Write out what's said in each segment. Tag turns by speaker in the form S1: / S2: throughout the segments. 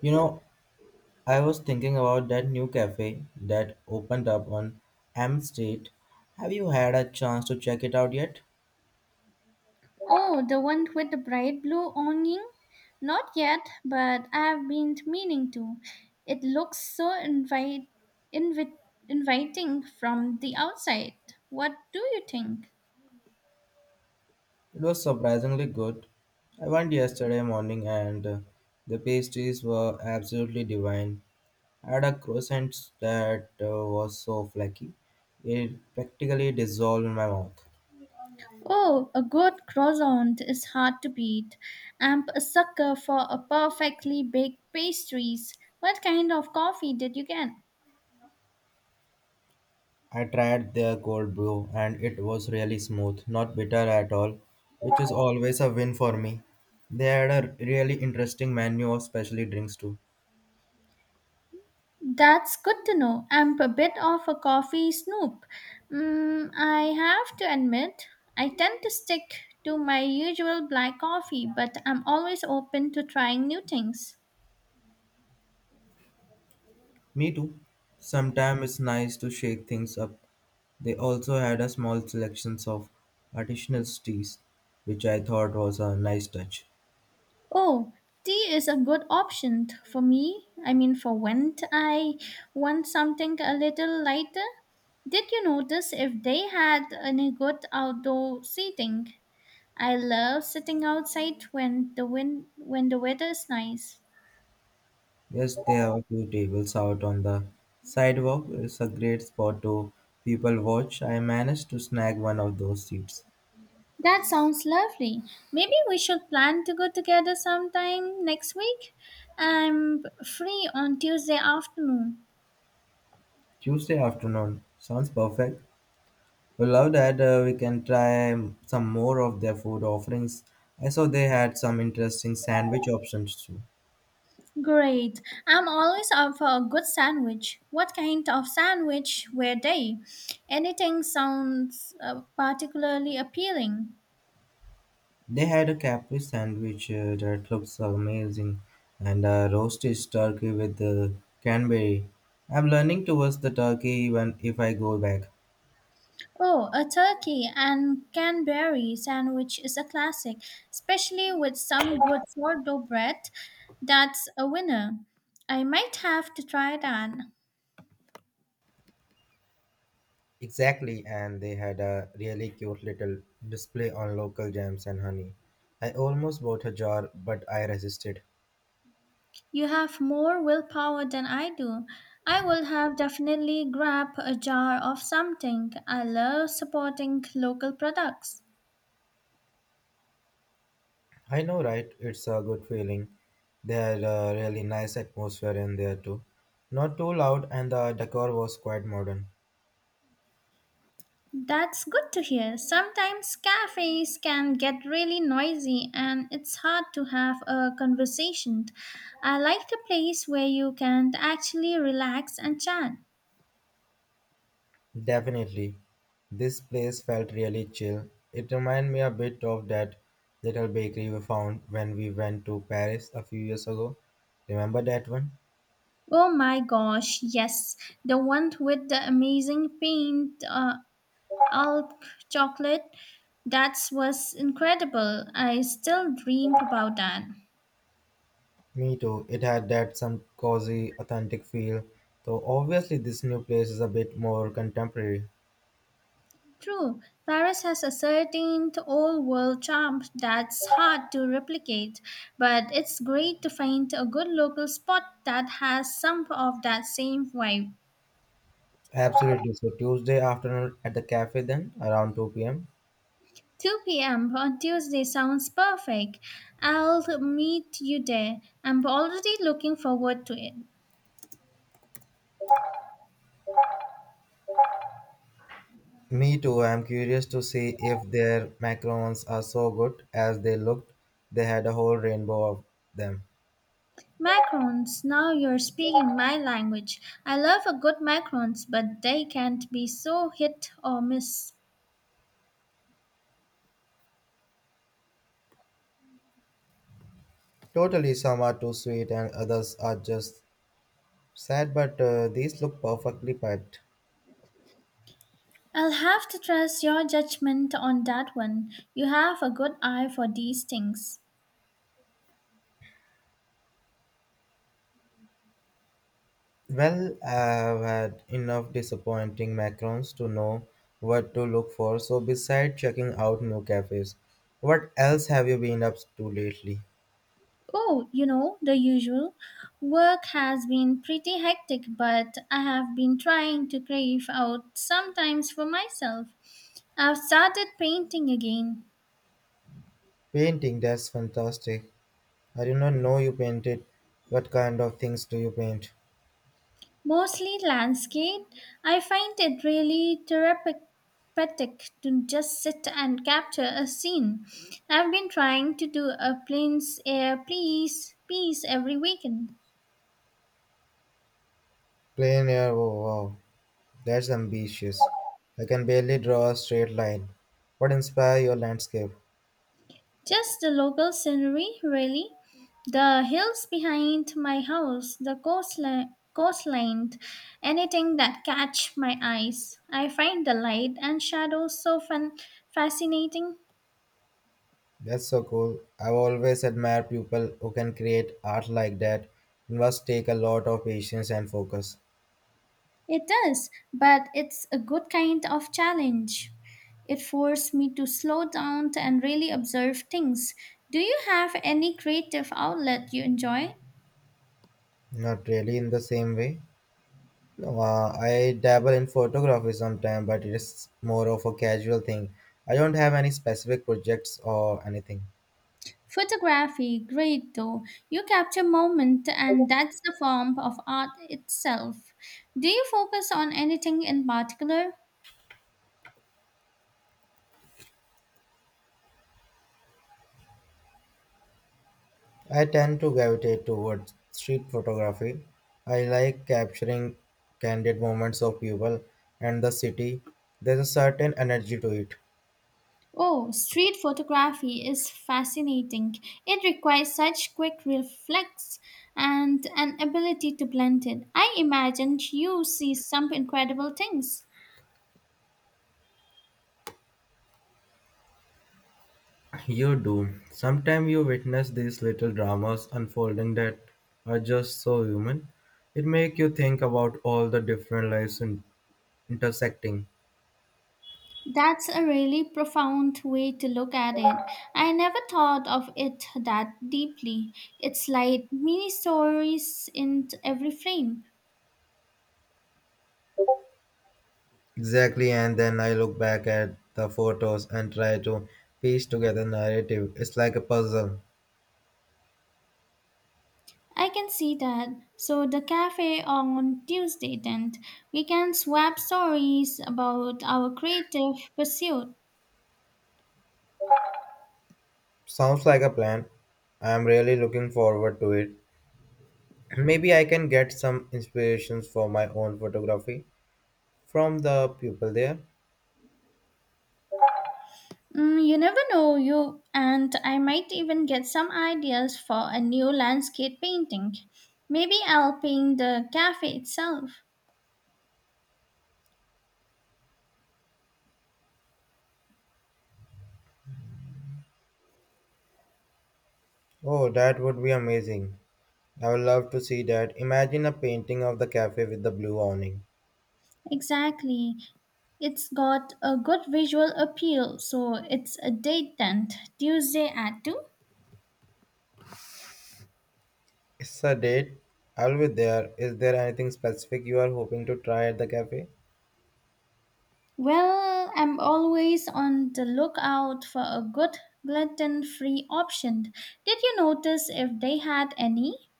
S1: You know, I was thinking about that new cafe that opened up on M Street. Have you had a chance to check it out yet?
S2: Oh, the one with the bright blue awning? Not yet, but I've been meaning to. It looks so invi- inviting from the outside. What do you think?
S1: It was surprisingly good. I went yesterday morning and the pastries were absolutely divine. I had a croissant that was so flaky, it practically dissolved in my mouth.
S2: Oh, a good croissant is hard to beat. I'm a sucker for a perfectly baked pastries. What kind of coffee did you get?
S1: I tried their cold brew and it was really smooth, not bitter at all, which is always a win for me. They had a really interesting menu of specialty drinks too.
S2: That's good to know. I'm a bit of a coffee snoop. I have to admit, I tend to stick to my usual black coffee, but I'm always open to trying new things.
S1: Me too. Sometimes it's nice to shake things up. They also had a small selection of artisanal teas, which I thought was a nice touch.
S2: Oh, tea is a good option for me. I mean, for when I want something a little lighter. Did you notice if they had any good outdoor seating? I love sitting outside when the weather is nice.
S1: Yes, there are a few tables out on the sidewalk. It's a great spot to people watch. I managed to snag one of those seats.
S2: That sounds lovely. Maybe we should plan to go together sometime next week. I'm free on Tuesday afternoon.
S1: Tuesday afternoon. Sounds perfect. We love that we can try some more of their food offerings. I saw they had some interesting sandwich options too.
S2: Great. I'm always up for a good sandwich. What kind of sandwich were they? Anything sounds particularly appealing.
S1: They had a Capri sandwich that looks amazing and a roasted turkey with the cranberry. I'm learning towards the turkey even if I go back.
S2: Oh, a turkey and Canberry sandwich is a classic, especially with some good sourdough bread. That's a winner. I might have to try that.
S1: Exactly, and they had a really cute little display on local jams and honey. I almost bought a jar, but I resisted.
S2: You have more willpower than I do. I would have definitely grabbed a jar of something. I love supporting local products.
S1: I know, right? It's a good feeling. There really nice atmosphere in there too. Not too loud, and the decor was quite modern.
S2: That's good to hear. Sometimes cafes can get really noisy and it's hard to have a conversation. I like the place where you can actually relax and chat.
S1: Definitely, this place felt really chill. It reminded me a bit of that little bakery we found when we went to Paris a few years ago. Remember that one?
S2: Oh my gosh, yes, the one with the amazing paint Alp chocolate. That was incredible. I still dream about that.
S1: Me too. It had that some cozy, authentic feel. Though obviously, this new place is a bit more contemporary.
S2: True, Paris has a certain old world charm that's hard to replicate, but it's great to find a good local spot that has some of that same vibe.
S1: Absolutely. So Tuesday afternoon at the cafe, then around 2 p.m.
S2: 2 p.m. on Tuesday sounds perfect. I'll meet you there. I'm already looking forward to it.
S1: Me too. I'm curious to see if their macarons are so good as they looked. They had a whole rainbow of them.
S2: Macarons, now you're speaking my language. I love a good macarons, but they can't be so hit or miss.
S1: Totally, some are too sweet and others are just sad, but these look perfectly piped.
S2: I'll have to trust your judgment on that one. You have a good eye for these things.
S1: Well, I've had enough disappointing macarons to know what to look for, so besides checking out new cafes, what else have you been up to lately?
S2: Oh, you know, the usual. Work has been pretty hectic, but I have been trying to crave out sometimes for myself. I've started painting again.
S1: Painting, that's fantastic. I did not know you painted. What kind of things do you paint?
S2: Mostly landscape. I find it really therapeutic to just sit and capture a scene. I've been trying to do a plains air please piece every weekend.
S1: Plein air, oh wow, that's ambitious. I can barely draw a straight line. What inspired your landscape?
S2: Just the local scenery, really. The hills behind my house, the coastline, anything that catch my eyes. I find the light and shadows fascinating.
S1: That's so cool. I've always admired people who can create art like that. It must take a lot of patience and focus.
S2: It does, but it's a good kind of challenge. It forced me to slow down and really observe things. Do you have any creative outlet you enjoy?
S1: Not really in the same way. No, I dabble in photography sometimes, but it's more of a casual thing. I don't have any specific projects or anything.
S2: Photography, great though. You capture moment and that's the form of art itself. Do you focus on anything in particular?
S1: I tend to gravitate towards street photography. I like capturing candid moments of people and the city. There's a certain energy to it.
S2: Oh, street photography is fascinating. It requires such quick reflex and an ability to blend it. I imagine you see some incredible things.
S1: You do. Sometimes you witness these little dramas unfolding that are just so human. It makes you think about all the different lives intersecting.
S2: That's a really profound way to look at it. I never thought of it that deeply. It's like mini stories in every frame.
S1: Exactly, and then I look back at the photos and try to piece together narrative. It's like a puzzle.
S2: I can see that. So the cafe on Tuesday then, we can swap stories about our creative pursuit.
S1: Sounds like a plan. I'm really looking forward to it. Maybe I can get some inspirations for my own photography from the people there.
S2: You never know, you and I might even get some ideas for a new landscape painting. Maybe I'll paint the cafe itself.
S1: Oh, that would be amazing. I would love to see that. Imagine a painting of the cafe with the blue awning.
S2: Exactly. It's got a good visual appeal, so it's a date then, Tuesday at 2.
S1: It's a date. I'll be there. Is there anything specific you are hoping to try at the cafe?
S2: Well, I'm always on the lookout for a good gluten free option. Did you notice if they had any?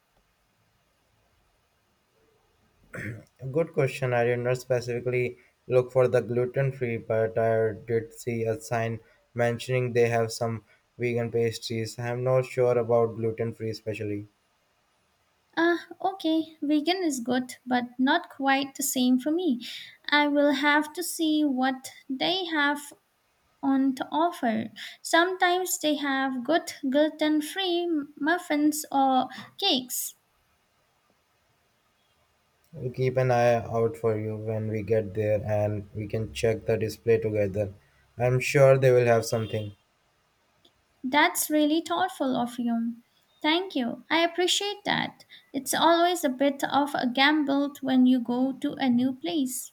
S1: Good question. I did not specifically look for the gluten free, but I did see a sign mentioning they have some vegan pastries. I'm not sure about gluten free, especially.
S2: Ah, okay, vegan is good, but not quite the same for me. I will have to see what they have on to offer. Sometimes they have good gluten free muffins or cakes.
S1: We'll keep an eye out for you when we get there and we can check the display together. I'm sure they will have something.
S2: That's really thoughtful of you. Thank you. I appreciate that. It's always a bit of a gamble when you go to a new place.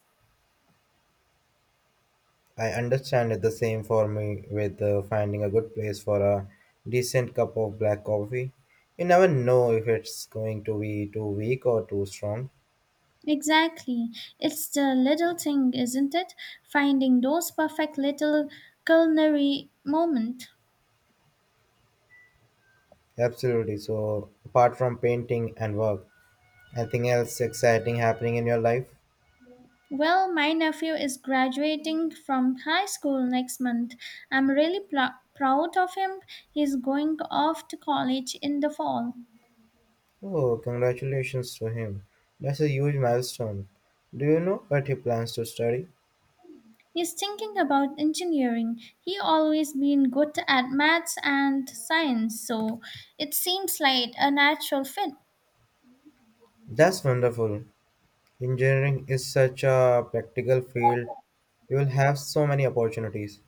S1: I understand it the same for me with finding a good place for a decent cup of black coffee. You never know if it's going to be too weak or too strong.
S2: Exactly. It's the little thing, isn't it? Finding those perfect little culinary moment.
S1: Absolutely. So, apart from painting and work, anything else exciting happening in your life?
S2: Well, my nephew is graduating from high school next month. I'm really proud of him. He's going off to college in the fall.
S1: Oh, congratulations to him. That's a huge milestone. Do you know what he plans to study?
S2: He's thinking about engineering. He always been good at maths and science, so it seems like a natural fit.
S1: That's wonderful. Engineering is such a practical field. You will have so many opportunities.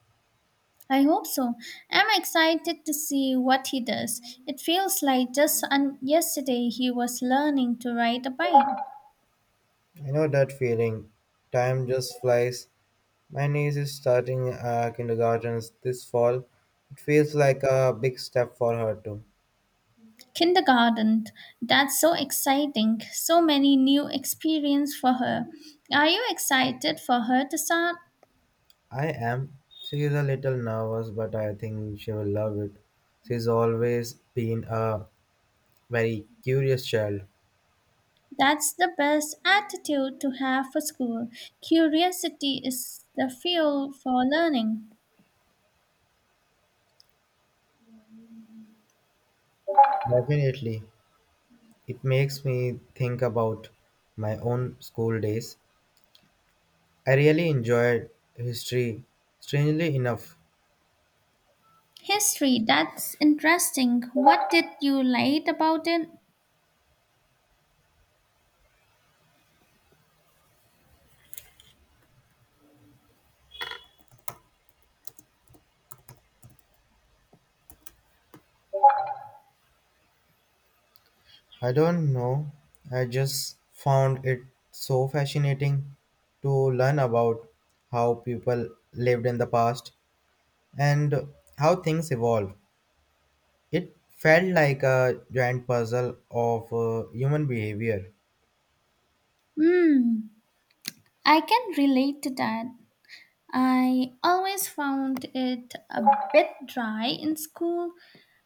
S2: I hope so. I'm excited to see what he does. It feels like just yesterday he was learning to ride a bike.
S1: I know that feeling. Time just flies. My niece is starting kindergarten this fall. It feels like a big step for her too.
S2: Kindergarten. That's so exciting. So many new experience for her. Are you excited for her to start?
S1: I am. She is a little nervous, but I think she will love it. She's always been a very curious child.
S2: That's the best attitude to have for school. Curiosity is the fuel for learning.
S1: Definitely. It makes me think about my own school days. I really enjoyed history. Strangely enough,
S2: History, that's interesting. What did you like about it?
S1: I don't know. I just found it so fascinating to learn about how people lived in the past and how things evolve. It felt like a giant puzzle of human behavior.
S2: Hmm. I can relate to that. I always found it a bit dry in school,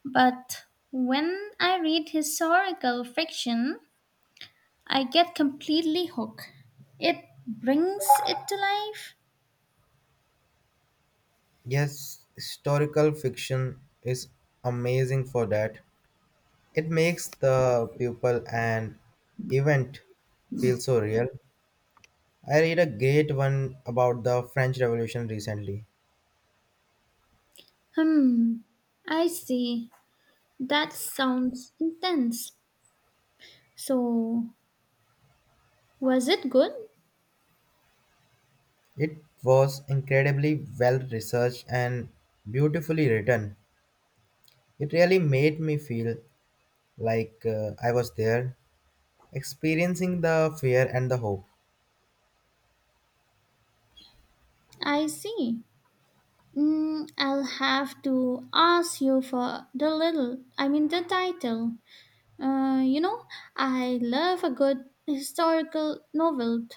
S2: but when I read historical fiction, I get completely hooked. It brings it to life.
S1: Yes, historical fiction is amazing for that. It makes the people and event feel so real. I read a great one about the French Revolution recently.
S2: Hmm, I see. That sounds intense. So, was it good?
S1: It was incredibly well researched and beautifully written. It really made me feel like I was there, experiencing the fear and the hope.
S2: I see. I'll have to ask you for I mean, the title. Uh, you know, I love a good historical novel.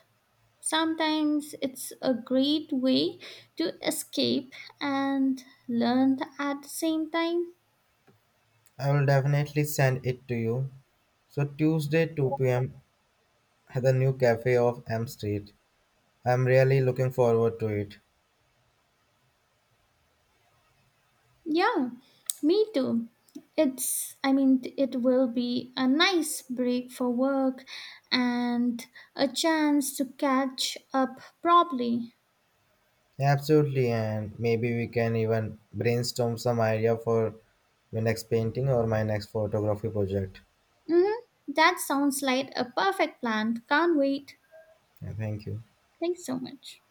S2: Sometimes it's a great way to escape and learn at the same time.
S1: I will definitely send it to you. So Tuesday 2 p.m. at the new cafe of M Street. I'm really looking forward to it.
S2: Yeah, me too. I mean, it will be a nice break for work and a chance to catch up properly.
S1: Absolutely, and maybe we can even brainstorm some idea for my next painting or my next photography project.
S2: Mm-hmm. That sounds like a perfect plan. Can't wait.
S1: Yeah, thank you.
S2: Thanks so much.